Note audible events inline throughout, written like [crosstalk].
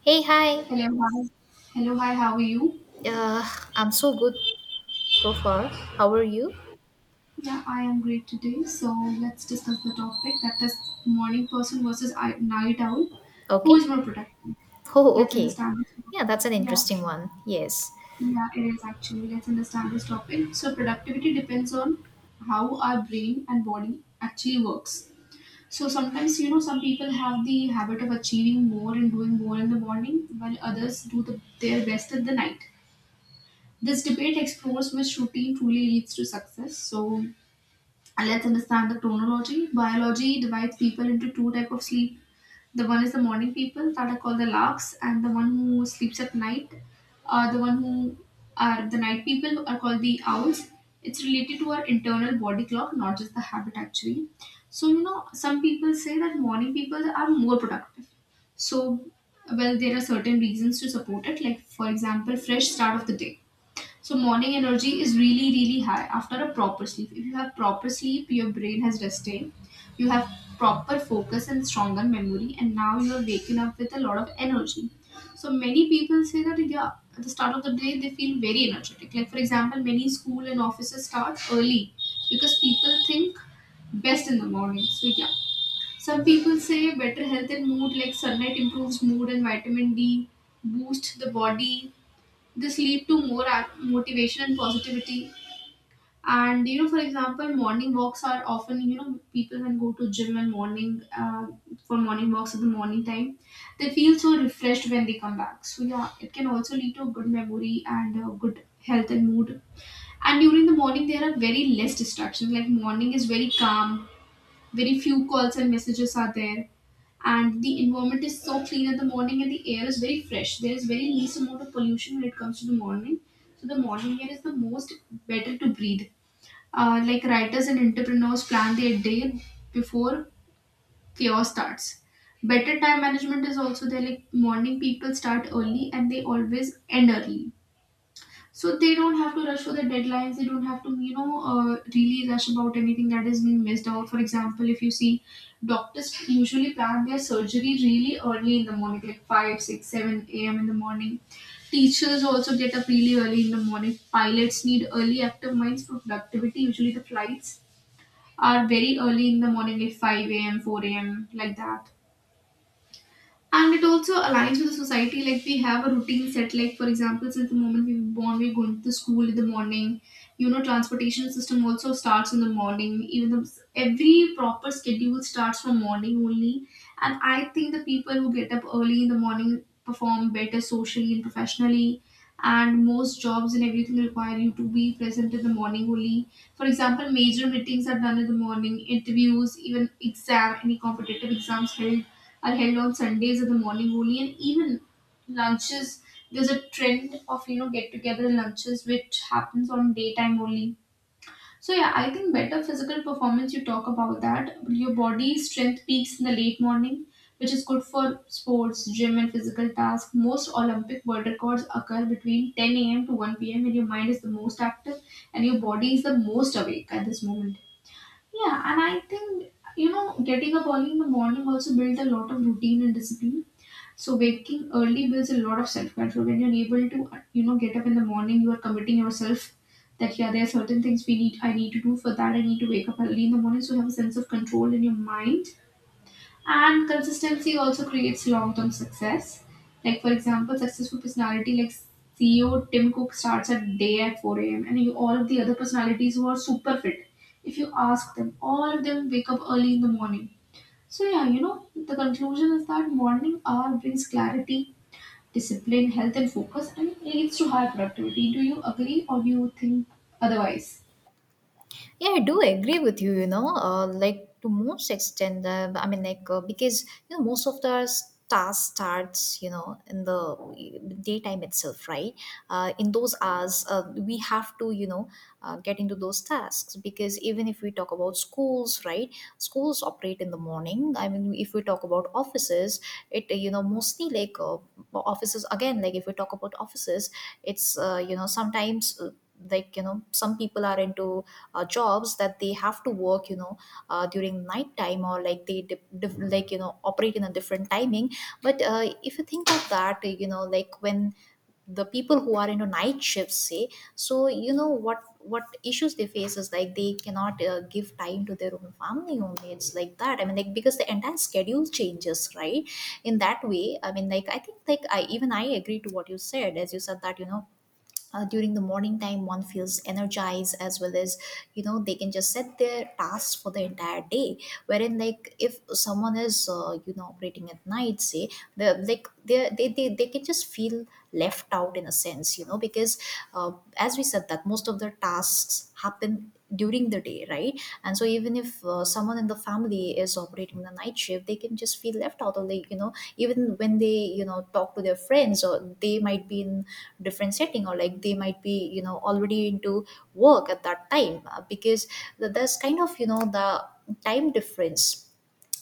Hey, hi. Hello, hi. Hello, hi, how are you? Uh, I'm so good so far. How are you? Yeah, I am great today. So let's discuss the topic that is morning person versus night owl. Who Okay. is more productive? [laughs] Oh, Let's okay. understand this topic. Yeah, that's an Yeah, interesting one. Yes. yeah, it is actually. Let's understand this topic. So productivity depends on how our brain and body actually works. So sometimes, you know, some people have the habit of achieving more and doing more in the morning, while others do their best in the night. This debate explores which routine truly leads to success. So, let's understand the chronology. Biology divides people into two types of sleep. The one is the morning people that are called the larks, and the one who sleeps at night. The one who are the night people are called the owls. It's related to our internal body clock, not just the habit actually. So you know, some people say that morning people are more productive. So well, there are certain reasons to support it. Like for example, fresh start of the day, so morning energy is really, really high after a proper sleep. If you have proper sleep, your brain has rested. You have proper focus and stronger memory, and now you are waking up with a lot of energy. So many people say that yeah, at the start of the day they feel very energetic. Like for example, many school and offices start early because people think best in the morning. So yeah. Some people say better health and mood, like sunlight improves mood and vitamin D boost the body, this lead to more motivation and positivity. And you know, for example, morning walks are often, you know, people when go to gym and morning, for morning walks in the morning time, they feel so refreshed when they come back. So yeah, it can also lead to a good memory and a good health and mood. And during the morning there are very less distractions, like morning is very calm, very few calls and messages are there, and the environment is so clean in the morning and the air is very fresh. There is very least amount of pollution when it comes to the morning. So the morning air is the most better to breathe. Like writers and entrepreneurs plan their day before chaos starts. Better time management is also there, like morning people start early and they always end early, so they don't have to rush for the deadlines. They don't have to, you know, really rush about anything that is being missed out. For example, if you see, doctors usually plan their surgery really early in the morning, like 5, 6, 7 a.m. in the morning. Teachers also get up really early in the morning. Pilots need early active minds for productivity. Usually the flights are very early in the morning, like 5 a.m., 4 a.m., like that. And it also aligns with the society. Like we have a routine set, like for example, since the moment we were born, we're going to school in the morning. You know, transportation system also starts in the morning. Even though every proper schedule starts from morning only, and I think the people who get up early in the morning perform better socially and professionally, and most jobs and everything require you to be present in the morning only. For example, major meetings are done in the morning, interviews, even exam, any competitive exams held are held on Sundays in the morning only, and even lunches. There's a trend of, you know, get together lunches which happens on daytime only. So yeah, I think better physical performance. You talk about that. Your body strength peaks in the late morning, which is good for sports, gym, and physical tasks. Most Olympic world records occur between 10 a.m. to 1 p.m., when your mind is the most active and your body is the most awake at this moment. Yeah, and I think you know, getting up early in the morning also builds a lot of routine and discipline. So waking early builds a lot of self control. When you're able to, you know, get up in the morning, you are committing yourself that yeah, there are certain things we need. I need to do for that. I need to wake up early in the morning. So you have a sense of control in your mind, and consistency also creates long term success. Like, for example, successful personality like CEO Tim Cook starts a day at 4 a.m. And you, all of the other personalities who are super fit, if you ask them, all of them wake up early in the morning. So, yeah, you know, the conclusion is that morning hour brings clarity, discipline, health, and focus, and it leads to high productivity. Do you agree or do you think otherwise? Yeah, I do agree with you, you know, like to most extent, because, you know, most of the task starts, you know, in the daytime itself, right? In those hours, we have to, you know, get into those tasks, because even if we talk about schools, right? Schools operate in the morning. I mean, if we talk about offices, you know, mostly like offices, again, like if we talk about offices, it's, you know, sometimes. Like you know, some people are into jobs that they have to work, you know, during night time, or like they like you know, operate in a different timing. But if you think of that, you know, like when the people who are into night shifts, say, so you know what issues they face is like they cannot give time to their own family only, it's like that. I mean, like, because the entire schedule changes, right, in that way. I mean, like, I think like I even I agree to what you said. As you said that, you know, during the morning time one feels energized, as well as, you know, they can just set their tasks for the entire day, wherein like if someone is, you know, operating at night, say, the like they can just feel left out in a sense, you know, because as we said that most of their tasks happen during the day, right. And so even if someone in the family is operating the night shift, they can just feel left out, or the, you know, even when they, you know, talk to their friends, or they might be in different setting, or like they might be, you know, already into work at that time, because there's kind of, you know, the time difference.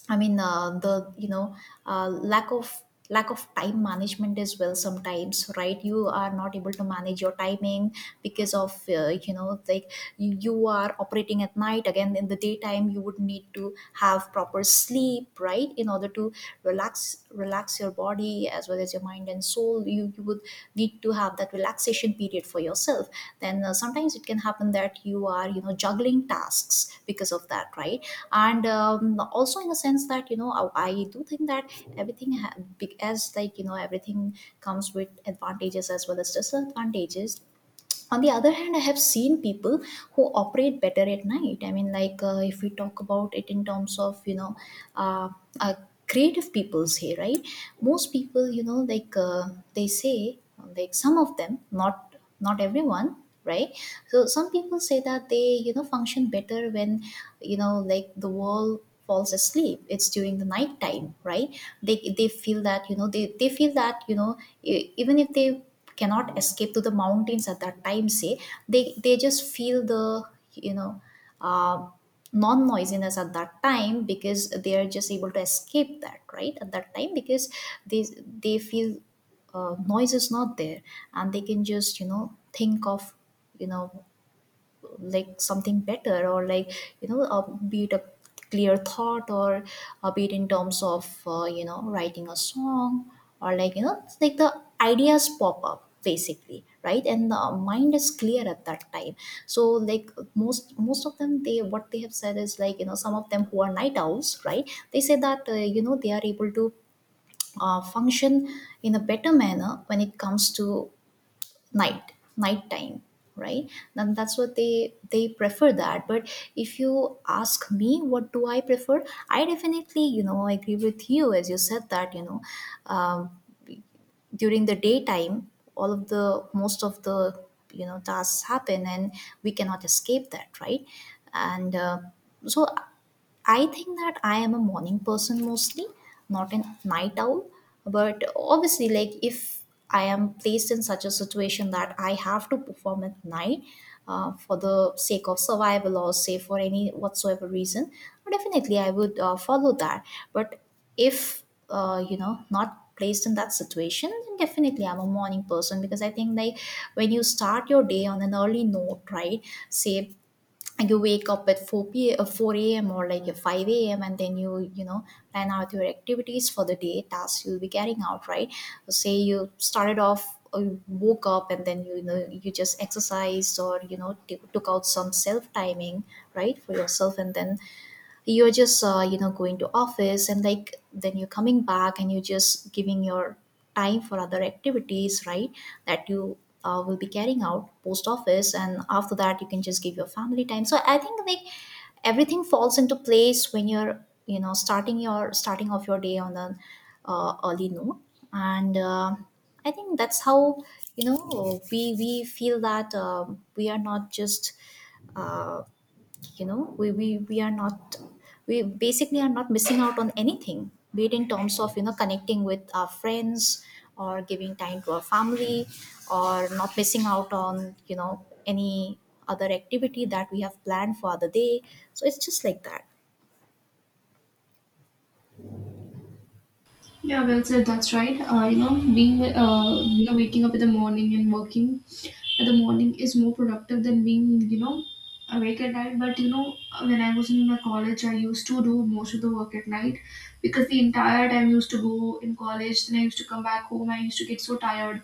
I mean, the, you know, uh, lack of lack of time management as well sometimes, right? You are not able to manage your timing because of, you know, like you are operating at night, again in the daytime you would need to have proper sleep, right, in order to relax your body, as well as your mind and soul. You would need to have that relaxation period for yourself. Then sometimes it can happen that you are, you know, juggling tasks because of that, right? And also in the sense that, you know, I do think that everything as like you know, everything comes with advantages as well as disadvantages. On the other hand, I have seen people who operate better at night. I mean, like, if we talk about it in terms of, you know, uh, uh, creative people, say, right, most people, you know, like, they say, like some of them, not everyone, right. So some people say that they, you know, function better when, you know, like the world falls asleep, it's during the night time, right. They feel that, you know, they feel that, you know, even if they cannot escape to the mountains at that time, say, they just feel the, you know, uh, non noisiness at that time, because they are just able to escape that, right, at that time, because they they feel noise is not there, and they can just, you know, think of, you know, like something better, or like, you know, be it a clear thought, or be it in terms of, you know, writing a song, or like, you know, it's like the ideas pop up basically, right, and the mind is clear at that time. So like, most of them, they what they have said is like, you know, some of them who are night owls, right, they say that, you know, they are able to function in a better manner when it comes to night time, right. Then that's what they prefer that. But if you ask me what do I prefer, I definitely, you know, agree with you. As you said that, you know, um, during the daytime all of the, most of the, you know, tasks happen, and we cannot escape that, right. And so I think that I am a morning person mostly, not a night owl. But obviously, like if I am placed in such a situation that I have to perform at night for the sake of survival, or say for any whatsoever reason, definitely I would follow that. But if, you know, not placed in that situation, then definitely I'm a morning person, because I think like when you start your day on an early note, right? Say, and you wake up at 4 a.m., or like a 5 a.m., and then you know, plan out your activities for the day, tasks you'll be carrying out, right. Say you started off, you woke up, and then you know, you just exercised, or you know, took out some self timing, right, for yourself, and then you're just, you know, going to office, and like then you're coming back, and you're just giving your time for other activities, right, that you will be carrying out post office, and after that you can just give your family time. So I think like everything falls into place when you're, you know, starting off your day on an early note. And I think that's how, you know, we feel that, we are not just uh, you know, we are not, we basically are not missing out on anything, be it in terms of, you know, connecting with our friends, or giving time to our family, or not missing out on, you know, any other activity that we have planned for the day. So it's just like that. Yeah, well said. That's right. You know, being, you know, waking up in the morning and working at the morning is more productive than being, you know, awake at night. But you know, when I was in my college, I used to do most of the work at night, because the entire time I used to go in college, then I used to come back home. I used to get so tired,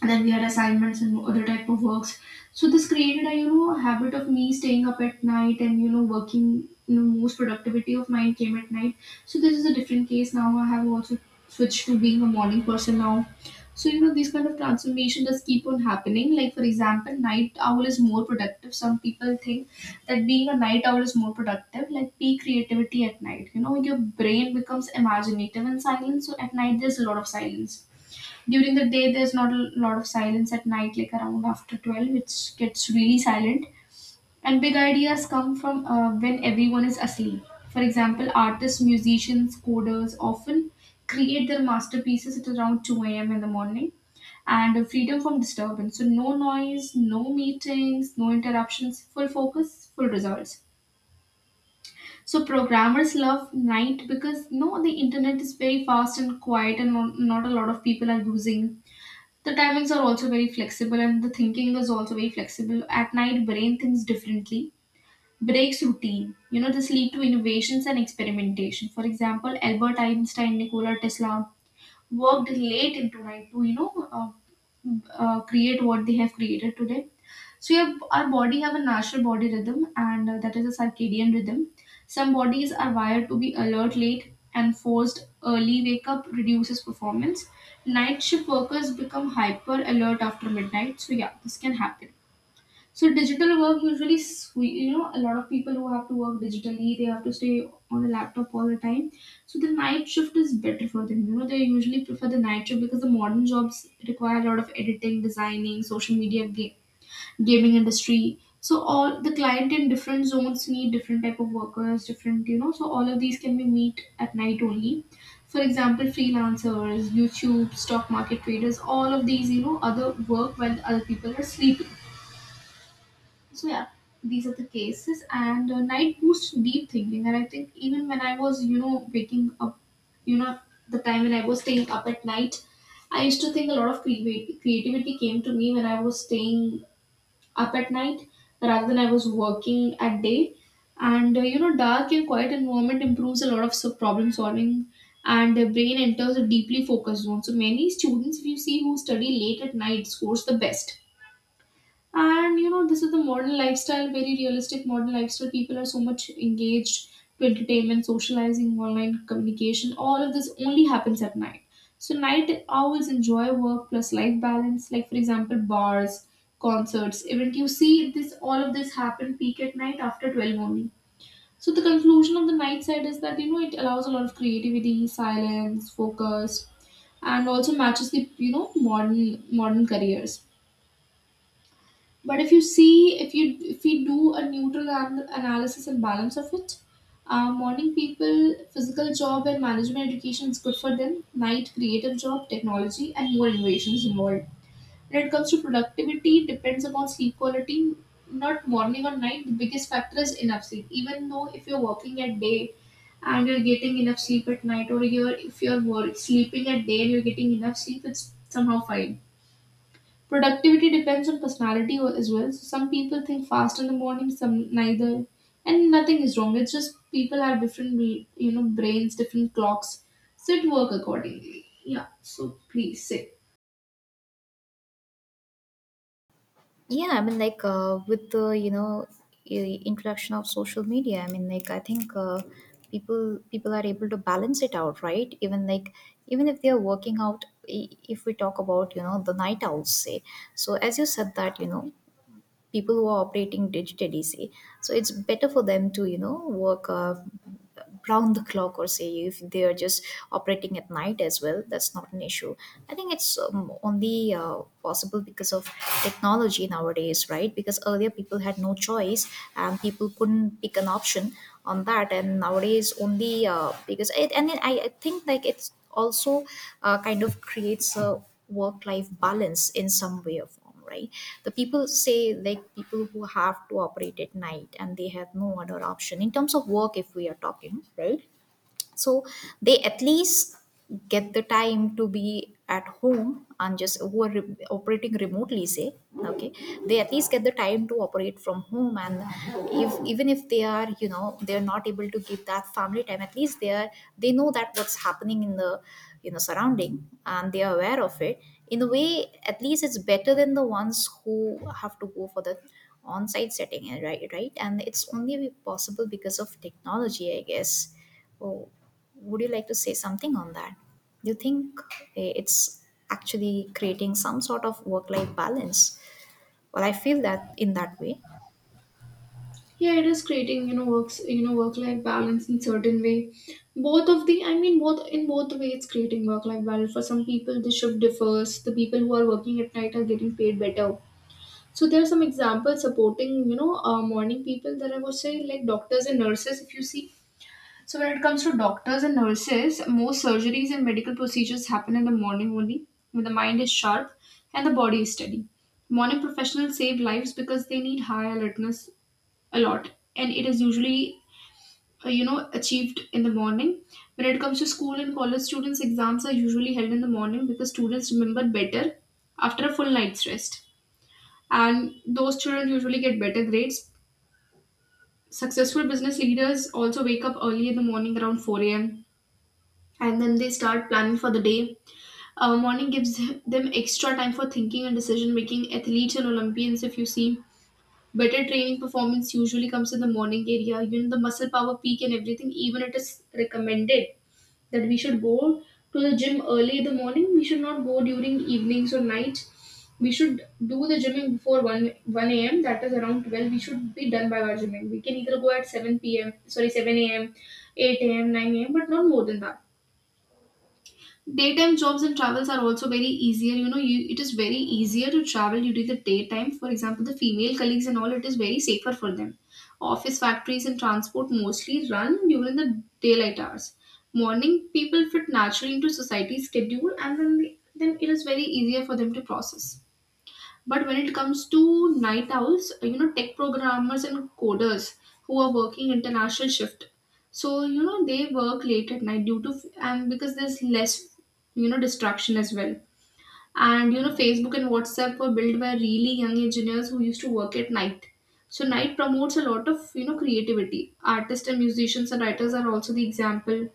and then we had assignments and other type of works, so this created a, you know, habit of me staying up at night and, you know, working. You know, most productivity of mine came at night, so this is a different case. Now I have also switched to being a morning person now. So you know, these kind of transformation does keep on happening. Like for example, night owl is more productive, some people think that being a night owl is more productive, like peak creativity at night. You know, your brain becomes imaginative and silent, so at night there's a lot of silence. During the day there's not a lot of silence. At night, like around after 12, it gets really silent, and big ideas come from, when everyone is asleep. For example, artists, musicians, coders often create their masterpieces at around 2 a.m in the morning. And freedom from disturbance, so no noise, no meetings, no interruptions, full focus, full results. So programmers love night because no, the internet is very fast and quiet and not a lot of people are using. The timings are also very flexible and the thinking is also very flexible. At night, brain thinks differently, breaks routine. You know, this lead to innovations and experimentation. For example, Albert Einstein, Nikola Tesla worked late into night to, you know, create what they have created today. So your, our body have a natural body rhythm, and that is a circadian rhythm. Some bodies are wired to be alert late, and forced early wake up reduces performance. Night shift workers become hyper alert after midnight. So yeah, this can happen. So digital work usually, you know, a lot of people who have to work digitally, they have to stay on the laptop all the time. So the night shift is better for them. You know, they usually prefer the night shift because the modern jobs require a lot of editing, designing, social media, gaming industry. So all the client in different zones need different type of workers, different, you know. So all of these can be meet at night only. For example, freelancers, YouTube, stock market traders, all of these, you know, other work while other people are sleeping. So yeah, these are the cases, and night boosts deep thinking. And I think even when I was, you know, waking up, you know, the time when I was staying up at night, I used to think a lot of creativity came to me when I was staying up at night rather than I was working at day. And you know, dark and quiet environment improves a lot of problem solving, and the brain enters a deeply focused zone. So many students, if you see, who study late at night, scores the best. And you know, this is the modern lifestyle, very realistic modern lifestyle. People are so much engaged to entertainment, socializing, online communication. All of this only happens at night. So, night owls enjoy work plus life balance, like, for example, bars, concerts, event. You see, this all of this happen peak at night after 12 only. So, the conclusion of the night side is that you know, it allows a lot of creativity, silence, focus, and also matches the you know, modern careers. But if you see, if you, if we do a neutral analysis and balance of it, morning people, physical job and management education is good for them. Night, creative job, technology, and more innovations involved. When it comes to productivity, depends upon sleep quality. Not morning or night. The biggest factor is enough sleep. Even though if you're working at day and you're getting enough sleep at night, or you're if you're work, sleeping at day and you're getting enough sleep, it's somehow fine. Productivity depends on personality as well. So some people think fast in the morning, some neither, and nothing is wrong. It's just people have different, brains, different clocks, so it work accordingly. Yeah. So please say. Yeah, I mean, like, with the, you know, introduction of social media, I mean, like, I think, people are able to balance it out, right, even like, even if they are working out. If we talk about, you know, the night owls, say, so as you said that, you know, people who are operating digitally, say, so it's better for them to, you know, work round the clock, or say if they are just operating at night as well, that's not an issue. I think it's, only possible because of technology nowadays, right, because earlier people had no choice, and people couldn't pick an option on that, and nowadays only because it. And then I think like it's also kind of creates a work life balance in some way or form platform, right. The people say, like people who have to operate at night and they have no other option in terms of work, if we are talking, right, so they at least get the time to be at home, and just who are operating remotely, say, okay, they at least get the time to operate from home. And if even if they are, you know, they're not able to give that family time, at least they are, they know that what's happening in the, you know, surrounding, and they are aware of it in a way. At least it's better than the ones who have to go for the on-site setting, right, right. And it's only possible because of technology, I guess. Oh, would you like to say something on that? Do you think it's actually creating some sort of work life balance? Well, I feel that in that way. Yeah, it is creating, works, work-life balance in certain way. Both of the, I mean, both in both the way, it's creating work-life balance. For some people, the shift differs. The people who are working at night are getting paid better. So there are some examples supporting, you know, morning people that I was saying, like doctors and nurses. If you see, so when it comes to doctors and nurses, most surgeries and medical procedures happen in the morning only, when the mind is sharp and the body is steady. Morning professionals save lives because they need high alertness a lot, and it is usually, you know, achieved in the morning. When it comes to school and college students, exams are usually held in the morning because students remember better after a full night's rest, and those children usually get better grades. Successful business leaders also wake up early in the morning around 4 a.m. and then they start planning for the day. Morning gives them extra time for thinking and decision making. Athletes and Olympians, if you see, better training performance usually comes in the morning area. You know, the muscle power peak and everything, even it is recommended that we should go to the gym early in the morning. We should not go during evenings or nights. We should do the gymming before 1 a.m. That is around 12. We should be done by our gymming. We can either go at 7 p.m. Sorry, 7 a.m., 8 a.m., 9 a.m., but not more than that. Daytime jobs and travels are also very easier. You know you, it is very easier to travel during the daytime. For example, the female colleagues and all, it is very safer for them. Office factories and transport mostly run during the daylight hours. Morning people fit naturally into society's schedule, and then they, then it is very easier for them to process. But when it comes to night owls, you know, tech programmers and coders who are working international shift, so you know they work late at night due to, and because there's less, you know, distraction as well. And you know, Facebook and WhatsApp were built by really young engineers who used to work at night. So night promotes a lot of, you know, creativity. Artists and musicians and writers are also the example.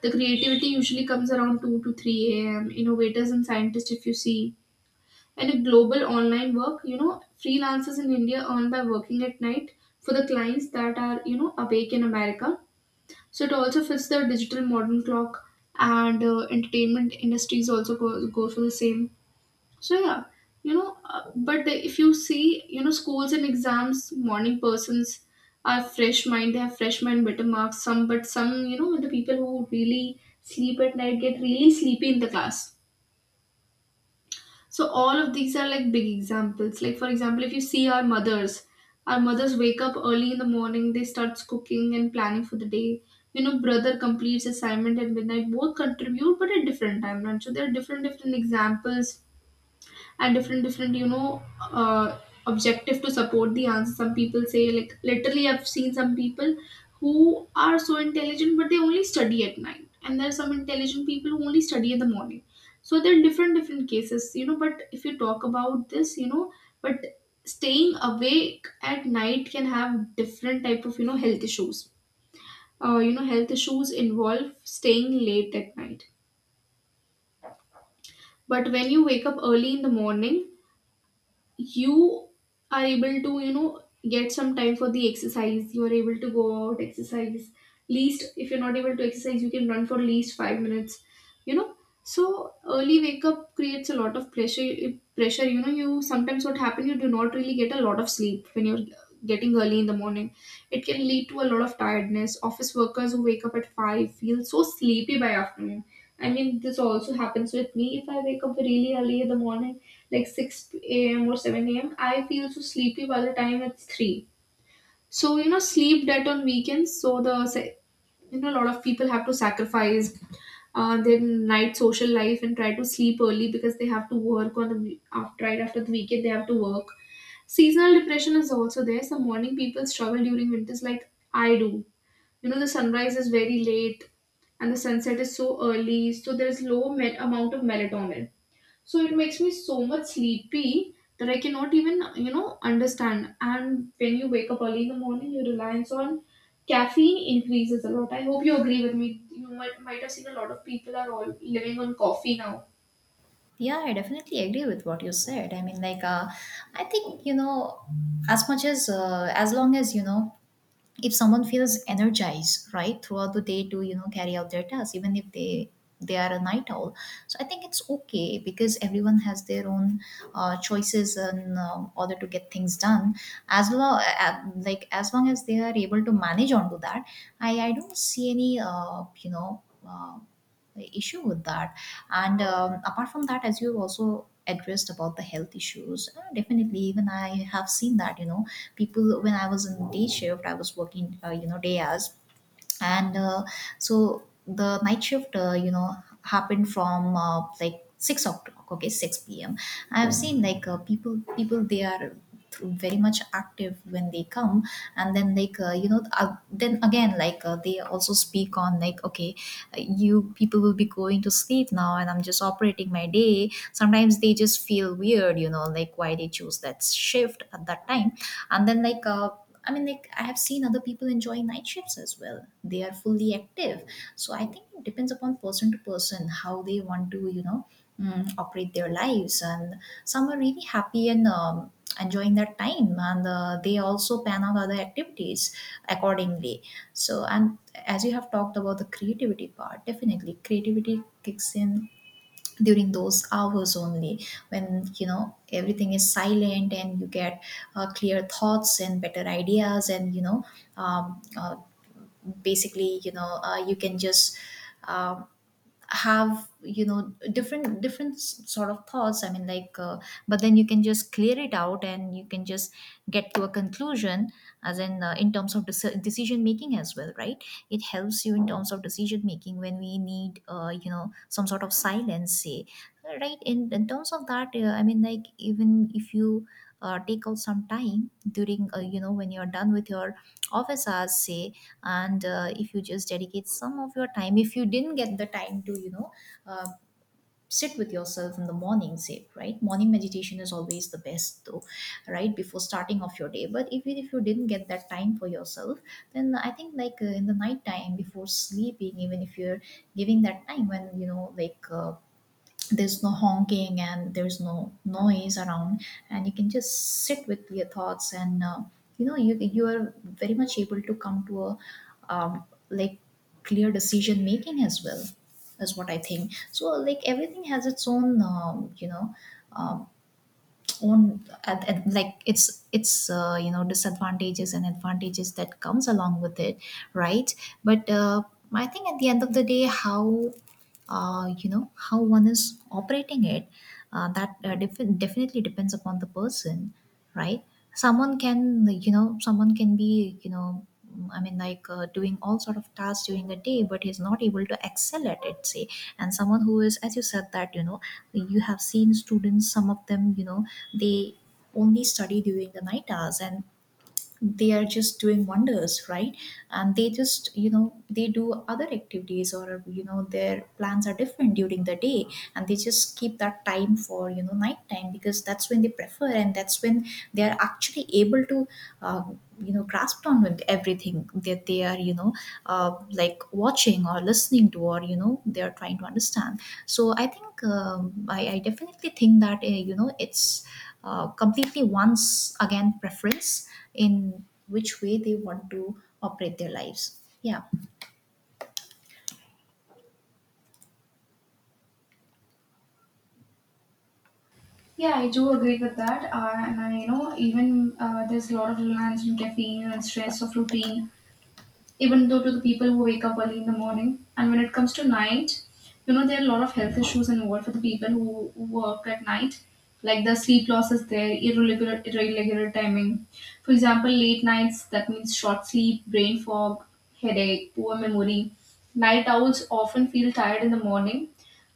The creativity usually comes around 2 to 3 a.m. Innovators and scientists, if you see, and a global online work, you know, freelancers in india earn by working at night for the clients that are, you know, awake in america. So it also fits the digital modern clock, and entertainment industries also go for the same. So yeah, you know, if you see, you know, schools and exams, morning persons are fresh mind, they have fresh mind, better marks some. But some, you know, the people who really sleep at night get really sleepy in the class. So all of these are like big examples. Like for example, if you see our mothers wake up early in the morning, they start cooking and planning for the day. You know, brother completes assignment at midnight. Both contribute, but at different time. Right? So there are different different examples and different different, you know, uh, objective to support the answer. Some people say, like, literally I've seen some people who are so intelligent but they only study at night, and there are some intelligent people who only study in the morning. So there are different different cases, you know. But if you talk about this, you know, but staying awake at night can have different type of, you know, health issues. You know, health issues involve staying late at night. But when you wake up early in the morning, you are able to, you know, get some time for the exercise. You are able to go out exercise. Least if you're not able to exercise, you can run for at least 5 minutes, you know. So early wake up creates a lot of pressure, you know. You sometimes what happen, you do not really get a lot of sleep when you're getting early in the morning. It can lead to a lot of tiredness. Office workers who wake up at 5 feel so sleepy by afternoon. I mean this also happens with me. If I wake up really early in the morning, like 6 a.m. or 7 a.m., I feel so sleepy by the time it's 3. So, you know, sleep debt on weekends. You know, a lot of people have to sacrifice their night social life and try to sleep early because they have to work on after, right after the weekend, they have to work. Seasonal depression is also there. Some morning people struggle during winters like I do. You know, the sunrise is very late and the sunset is so early. So, there's low amount of melatonin, so it makes me so much sleepy that I cannot even, you know, understand. And when you wake up early in the morning, your reliance on caffeine increases a lot. I hope you agree with me. You might have seen a lot of people are all living on coffee now. Yeah, I definitely agree with what you said. I mean, like, I think as much as long as if someone feels energized, right, throughout the day to carry out their tasks, even if they are a night owl. So I think it's okay, because everyone has their own choices in order to get things done, as long as they are able to manage onto that. I don't see any uh, issue with that. And apart from that, as you also addressed about the health issues, definitely, even I have seen that, people, when I was in day shift, I was working day hours. And so the night shift happened from, 6 o'clock, okay, 6 p.m. I've seen, like, people they are very much active when they come. And then, like, then again, like, they also speak on, like, okay, you people will be going to sleep now and I'm just operating my day. Sometimes they just feel weird, you know, like why they choose that shift at that time. And then like I mean, like, I have seen other people enjoying night shifts as well. They are fully active. So I think it depends upon person to person how they want to, operate their lives. And some are really happy and enjoying that time, and they also pan out other activities accordingly. So, and as you have talked about the creativity part, definitely creativity kicks in during those hours only, when, you know, everything is silent and you get clear thoughts and better ideas. And um, uh, basically, you can just um have, you know, different sort of thoughts. I mean, like, but then you can just clear it out and you can just get to a conclusion, as in terms of decision making as well, right? It helps you in terms of decision making when we need some sort of silence, say, right? In terms of that, I mean, like, even if you take out some time during when you're done with your office hours, say. And if you just dedicate some of your time, if you didn't get the time to uh, sit with yourself in the morning, say, right, morning meditation is always the best though, right, before starting off your day. But if you didn't get that time for yourself, then I think, like, in the night time before sleeping, even if you're giving that time, when there's no honking and there's no noise around, and you can just sit with your thoughts. And you are very much able to come to a um, like clear decision making as well, is what I think. So, like, everything has its own, um, own, at, like it's disadvantages and advantages that comes along with it, right? But I think at the end of the day, how one is operating it, that definitely depends upon the person, right? Someone can be, I mean, like, doing all sort of tasks during the day, but he's not able to excel at it, say. And someone who is, as you said, that, you know, you have seen students, some of them, you know, they only study during the night hours, and they are just doing wonders, right? And they just, you know, they do other activities, or, you know, their plans are different during the day, and they just keep that time for, you know, nighttime, because that's when they prefer, and that's when they are actually able to uh, grasp on with everything that they are, you know, like watching or listening to, or, you know, they are trying to understand. So I think, I definitely think that, it's completely, once again, preference in which way they want to operate their lives. Yeah. Yeah, I do agree with that. And I, you know, even there's a lot of reliance on caffeine and stress of routine, even though to the people who wake up early in the morning. And when it comes to night, you know, there are a lot of health issues involved for the people who work at night, like the sleep loss is there, irregular timing. For example, late nights, that means short sleep, brain fog, headache, poor memory. Night owls often feel tired in the morning.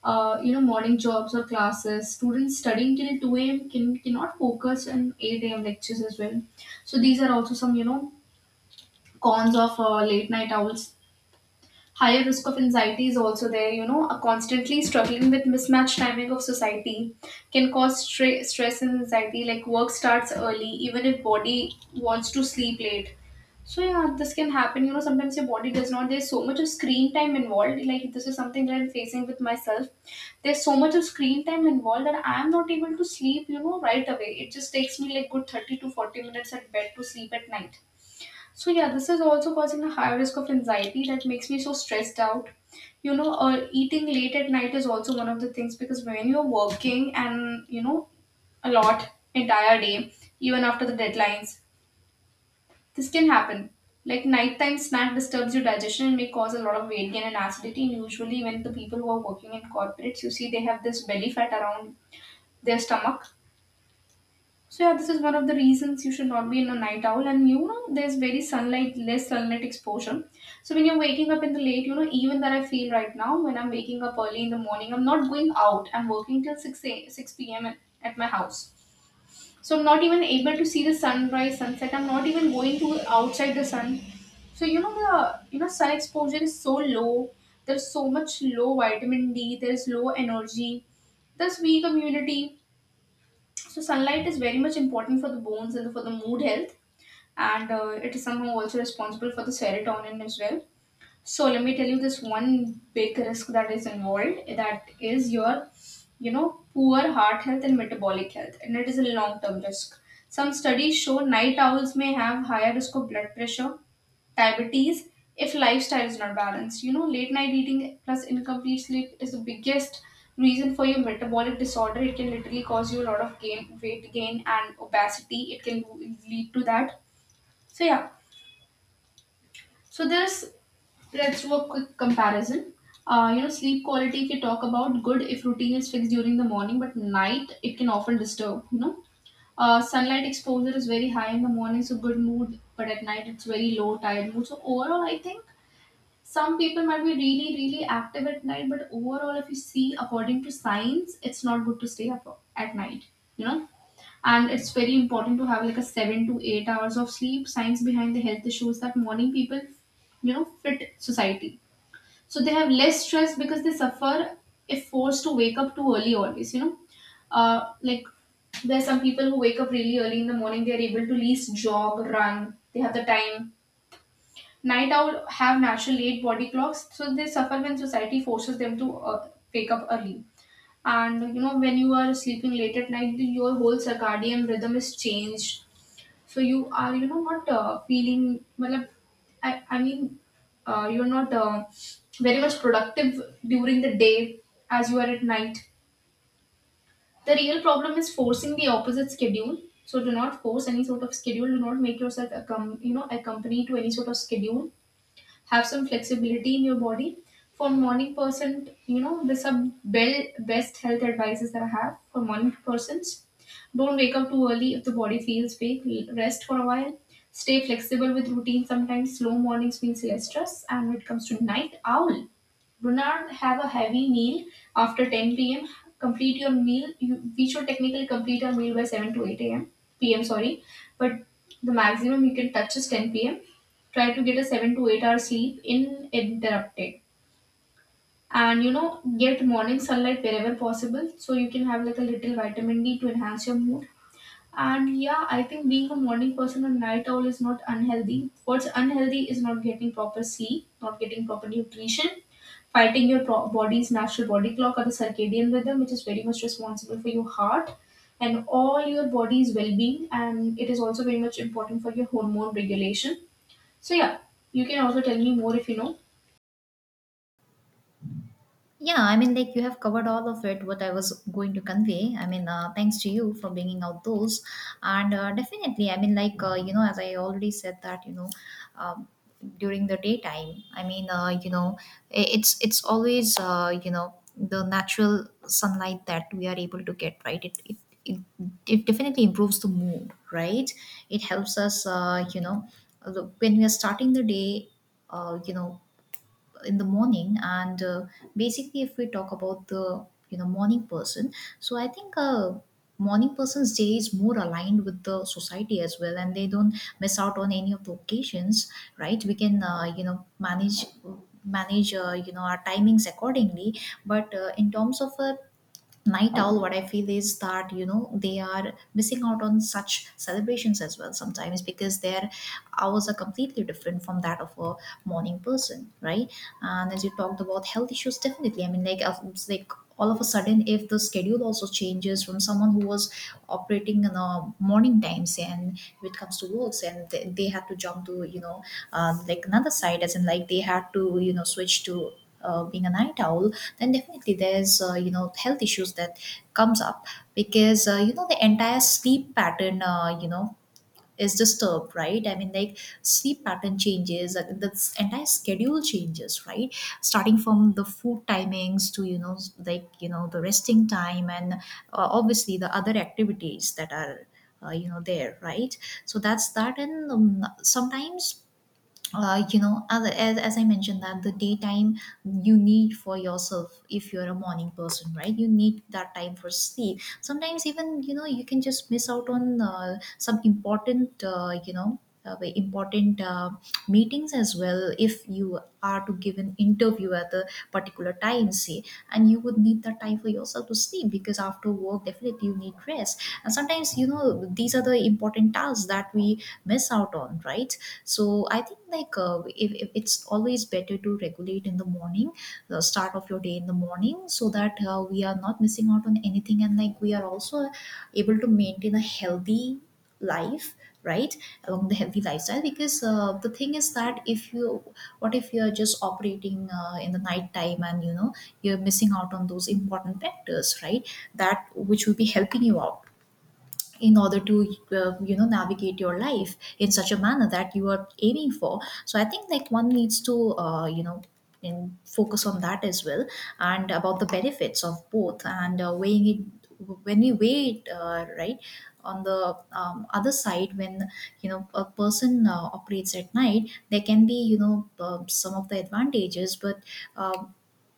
You know, morning jobs or classes. Students studying till 2 a.m. Cannot focus on 8 a.m. lectures as well. So these are also some, you know, cons of late night owls. Higher risk of anxiety is also there. You know, constantly struggling with mismatched timing of society can cause stress and anxiety. Like work starts early, even if body wants to sleep late. So yeah, this can happen. You know, sometimes your body does not. There's so much of screen time involved. Like this is something that I'm facing with myself. There's so much of screen time involved that I'm not able to sleep, you know, right away. It just takes me like good 30 to 40 minutes at bed to sleep at night, so yeah, this is also causing a high risk of anxiety that makes me so stressed out. You know, eating late at night is also one of the things, because when you're working and you know a lot entire day, even after the deadlines, this can happen. Like nighttime snack disturbs your digestion and may cause a lot of weight gain and acidity. And usually, when the people who are working in corporates, you see they have this belly fat around their stomach. So yeah, this is one of the reasons you should not be in a night owl. And you know, there's very sunlight, less sunlight exposure. So when you're waking up in the late, you know, even that I feel right now when I'm waking up early in the morning, I'm not going out. I'm working till six p.m. At my house. So I'm not even able to see the sunrise, sunset. I'm not even going to outside the sun. So you know, the, you know, sun exposure is so low. There's so much low vitamin D. There's low energy. There's weak immunity, so sunlight is very much important for the bones and for the mood health, and it is somehow also responsible for the serotonin as well. So let me tell you this one big risk that is involved, that is your, you know, poor heart health and metabolic health, and it is a long term risk. Some studies show night owls may have higher risk of blood pressure, diabetes, if lifestyle is not balanced. You know, late night eating plus incomplete sleep is the biggest reason for your metabolic disorder. It can literally cause you a lot of gain, weight gain, and obesity. It can lead to that. So yeah, so there's, let's do a quick comparison. Sleep quality if you talk about good if routine is fixed during the morning, but night it can often disturb. Sunlight exposure is very high in the morning, so good mood, but at night it's very low, tired mood. So overall, I think some people might be really, really active at night, but overall, if you see according to science, it's not good to stay up at night. You know, and it's very important to have like a 7 to 8 hours of sleep science behind the health issues that morning people fit society, so they have less stress because they suffer if forced to wake up too early always. Uh like there's some people who wake up really early in the morning, they are able to least jog, run, they have the time. Night owl have natural late body clocks, so they suffer when society forces them to wake up early. And when you are sleeping late at night, your whole circadian rhythm is changed, so you are not feeling, I mean you're not very much productive during the day as you are at night. The real problem is forcing the opposite schedule, so do not force any sort of schedule, do not make yourself accompany to any sort of schedule. Have some flexibility in your body. For morning person, best health advices that I have for morning persons. Don't wake up too early if the body feels weak. Rest for a while. Stay flexible with routine. Sometimes slow mornings means less stress. And when it comes to night owl, do not have a heavy meal after 10 p.m. Complete your meal. We should technically complete our meal by 7 to 8 a.m. p.m. Sorry, but the maximum you can touch is 10 p.m. Try to get a 7 to 8 hour sleep uninterrupted. And get morning sunlight wherever possible, so you can have like a little vitamin D to enhance your mood. And yeah, I think being a morning person or night owl is not unhealthy. What's unhealthy is not getting proper sleep, not getting proper nutrition, fighting your body's natural body clock or the circadian rhythm, which is very much responsible for your heart and all your body's well being. And it is also very much important for your hormone regulation. So, yeah, you can also tell me more if you know. Yeah, I mean, like, you have covered all of it, what I was going to convey. I mean, thanks to you for bringing out those. And definitely, I mean, like, as I already said that, um, during the daytime, I mean, it's always, the natural sunlight that we are able to get, right? It, it definitely improves the mood, right? It helps us uh, when we are starting the day, uh, you know, in the morning. And basically, if we talk about the, you know, morning person, so I think, morning person's day is more aligned with the society as well, and they don't miss out on any of the occasions, right? We can manage our timings accordingly. But in terms of a night owl, what I feel is that, you know, they are missing out on such celebrations as well sometimes, because their hours are completely different from that of a morning person, right? And as you talked about health issues, definitely, I mean, like, it's like, all of a sudden, if the schedule also changes from someone who was operating in a morning times, and when it comes to works, and they had to jump to, you know, like another side, as in, like, they had to, you know, switch to being a night owl, then definitely there's health issues that comes up, because the entire sleep pattern is disturbed, right? I mean, like, sleep pattern changes, the entire schedule changes, right? Starting from the food timings to, you know, like, you know, the resting time, and obviously the other activities that are there, right? So that's that. And sometimes, as I mentioned, that the daytime you need for yourself, if you're a morning person, right, you need that time for sleep. Sometimes, even, you know, you can just miss out on some important, very important meetings as well, if you are to give an interview at a particular time, say, and you would need that time for yourself to sleep, because after work, definitely, you need rest. And sometimes, you know, these are the important tasks that we miss out on, right? So I think, like, if it's always better to regulate in the morning, the start of your day in the morning, so that we are not missing out on anything, and like, we are also able to maintain a healthy life, right, along the healthy lifestyle. Because the thing is that, if you, what if you're just operating in the night time, and, you know, you're missing out on those important factors, right, that which will be helping you out in order to navigate your life in such a manner that you are aiming for. So I think, like, one needs to in focus on that as well, and about the benefits of both. And weighing it, when we weigh it, right, on the other side, when, you know, a person operates at night, there can be, you know, some of the advantages. But um,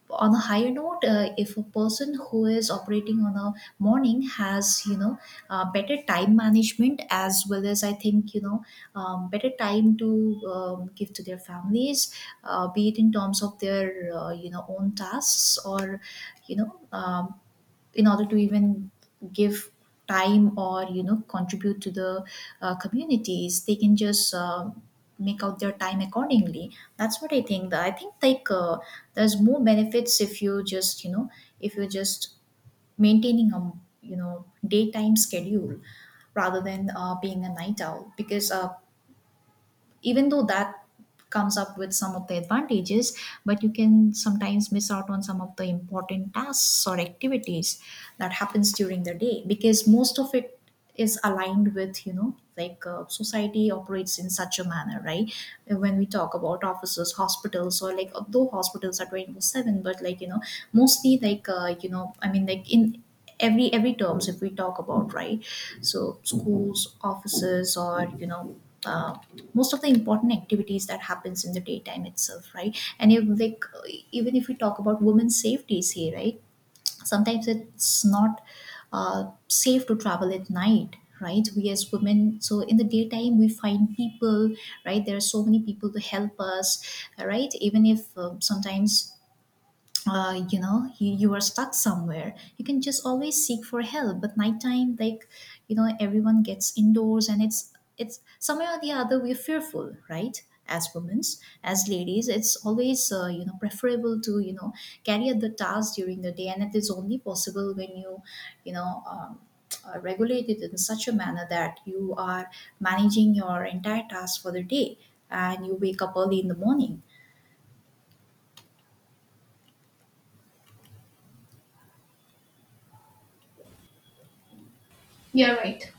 on a higher note, if a person who is operating on a morning has, you know, better time management as well, as I think, you know, better time to give to their families, be it in terms of their own tasks, or, you know, in order to even give time, or, you know, contribute to the communities, they can just make out their time accordingly. That's what I think like, there's more benefits, if you just, you know, if you're just maintaining a, you know, daytime schedule, rather than being a night owl. Because even though that comes up with some of the advantages, but you can sometimes miss out on some of the important tasks or activities that happens during the day, because most of it is aligned with, you know, like, society operates in such a manner, right? When we talk about offices, hospitals, or, like, though hospitals are 24/7, but, like, you know, mostly, like, I mean, like, in every terms, if we talk about, right? So schools, offices, or, you know, uh, most of the important activities that happens in the daytime itself, right? And if, like, even if we talk about women's safety, say, right, sometimes it's not safe to travel at night, right, we as women. So in the daytime, we find people, right, there are so many people to help us, right, even if, sometimes, you are stuck somewhere, you can just always seek for help. But nighttime, like, you know, everyone gets indoors, and it's somewhere or the other we're fearful, right? As women, as ladies, it's always preferable to, you know, carry out the task during the day. And it is only possible when you know, regulate it in such a manner, that you are managing your entire task for the day, and you wake up early in the morning. You're right.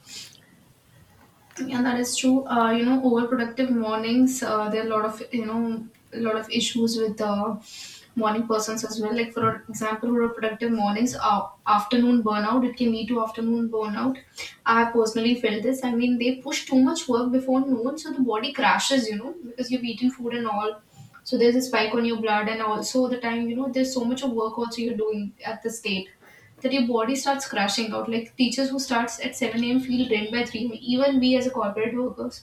Yeah, that is true. Overproductive mornings, there are a lot of issues with morning persons as well. Like, for example, overproductive mornings, afternoon burnout, it can lead to afternoon burnout. I have personally felt this. I mean, they push too much work before noon, so the body crashes, because you've eaten food and all. So there's a spike on your blood, and also the time, there's so much of work also you're doing at this state that your body starts crashing out. Like teachers who starts at 7 a.m. feel drained by 3 p.m. Even we as a corporate workers,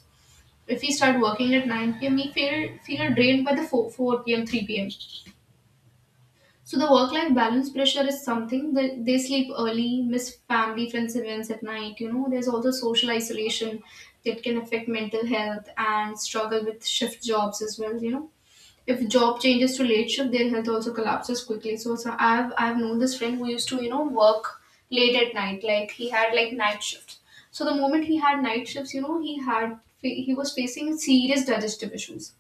if we start working at 9 p.m., we feel drained by the 4 p.m., 3 p.m. So the work-life balance pressure is something that they sleep early, miss family friends events at night. There's also social isolation that can affect mental health and struggle with shift jobs as well. You know if job changes to late shift, their health also collapses quickly. So I've known this friend who used to work late at night. Like he had like night shifts. So the moment he had night shifts, he was facing serious digestive issues.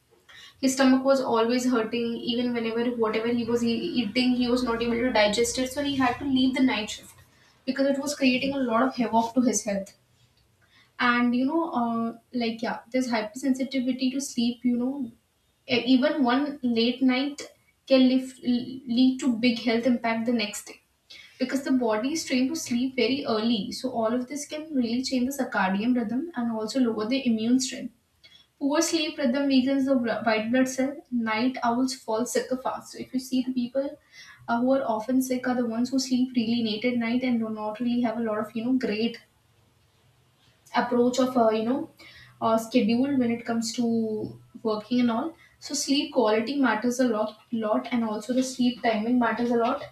His stomach was always hurting, even whenever whatever he was eating, he was not able to digest it. So he had to leave the night shift because it was creating a lot of havoc to his health. And yeah, there's hypersensitivity to sleep. Even one late night can lead to big health impact the next day, because the body is trained to sleep very early. So all of this can really change the circadian rhythm and also lower the immune strength. Poor sleep rhythm weakens the white blood cell. Night owls fall sicker fast, so if you see, the people who are often sick are the ones who sleep really late at night and do not really have a lot of great approach of a schedule when it comes to working and all. So sleep quality matters a lot lot, and also the sleep timing matters a lot.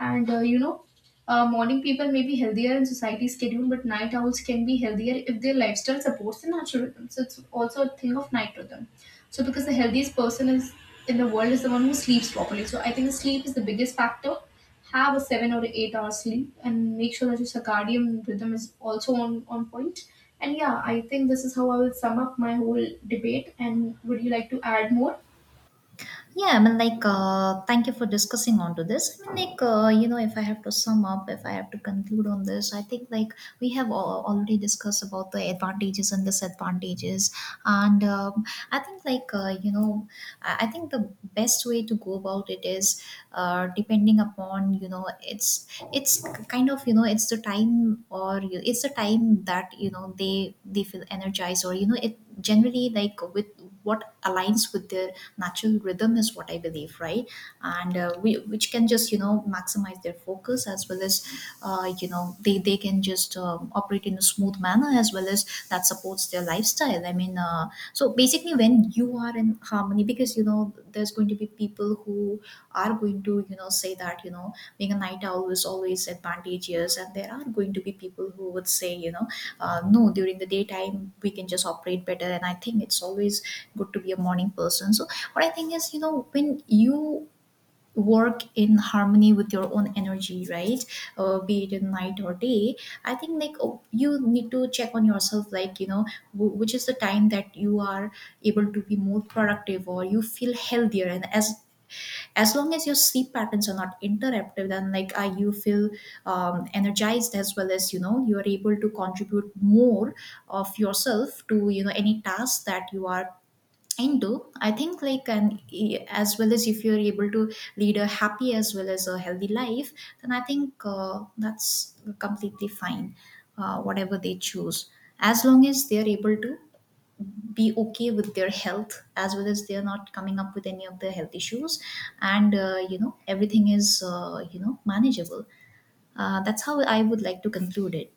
And morning people may be healthier in society schedule, but night owls can be healthier if their lifestyle supports the natural rhythm. So it's also a thing of night rhythm. So because the healthiest person is in the world is the one who sleeps properly. So I think sleep is the biggest factor. Have a 7 or 8 hour sleep and make sure that your circadian rhythm is also on point. And yeah, I think this is how I will sum up my whole debate. And would you like to add more? Yeah, I mean, like, thank you for discussing onto this. I mean, like, if I have to sum up, if I have to conclude on this, I think, like, we have already discussed about the advantages and disadvantages. And I think, like, I think the best way to go about it is depending upon, you know, it's kind of, you know, it's the time, or it's the time that, you know, they feel energized, or, you know, it generally, like, with what aligns with their natural rhythm, is what I believe, right? And which can just, you know, maximize their focus as well as, they can just operate in a smooth manner, as well as that supports their lifestyle. I mean, so basically, when you are in harmony, because, you know, there's going to be people who are going to, you know, say that, you know, being a night owl is always advantageous, and there are going to be people who would say, you know, no, during the daytime, we can just operate better, and I think it's always good to be a morning person. So what I think is, you know, when you work in harmony with your own energy, right? Be it in night or day, I think, like, you need to check on yourself, like, you know, which is the time that you are able to be more productive, or you feel healthier. And as long as your sleep patterns are not interrupted, then, like, you feel energized, as well as, you know, you are able to contribute more of yourself to, you know, any task that you are into, I think, like. And as well as if you're able to lead a happy as well as a healthy life, then I think, that's completely fine, whatever they choose, as long as they're able to be okay with their health, as well as they're not coming up with any of the health issues, and everything is manageable. That's how I would like to conclude it.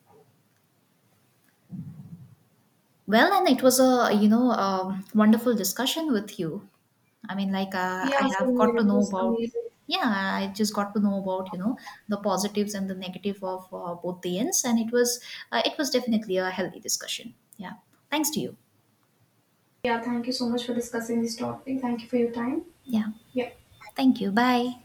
Well, and it was a, you know, wonderful discussion with you. I mean, like, I Yeah, have same got here. to It know was about, amazing. yeah, I just got to know about, you know, the positives and the negative of both the ends, and it was, it was definitely a healthy discussion. Yeah, thanks to you. Yeah, thank you so much for discussing this topic. Thank you for your time. Yeah, Yeah. thank you. Bye.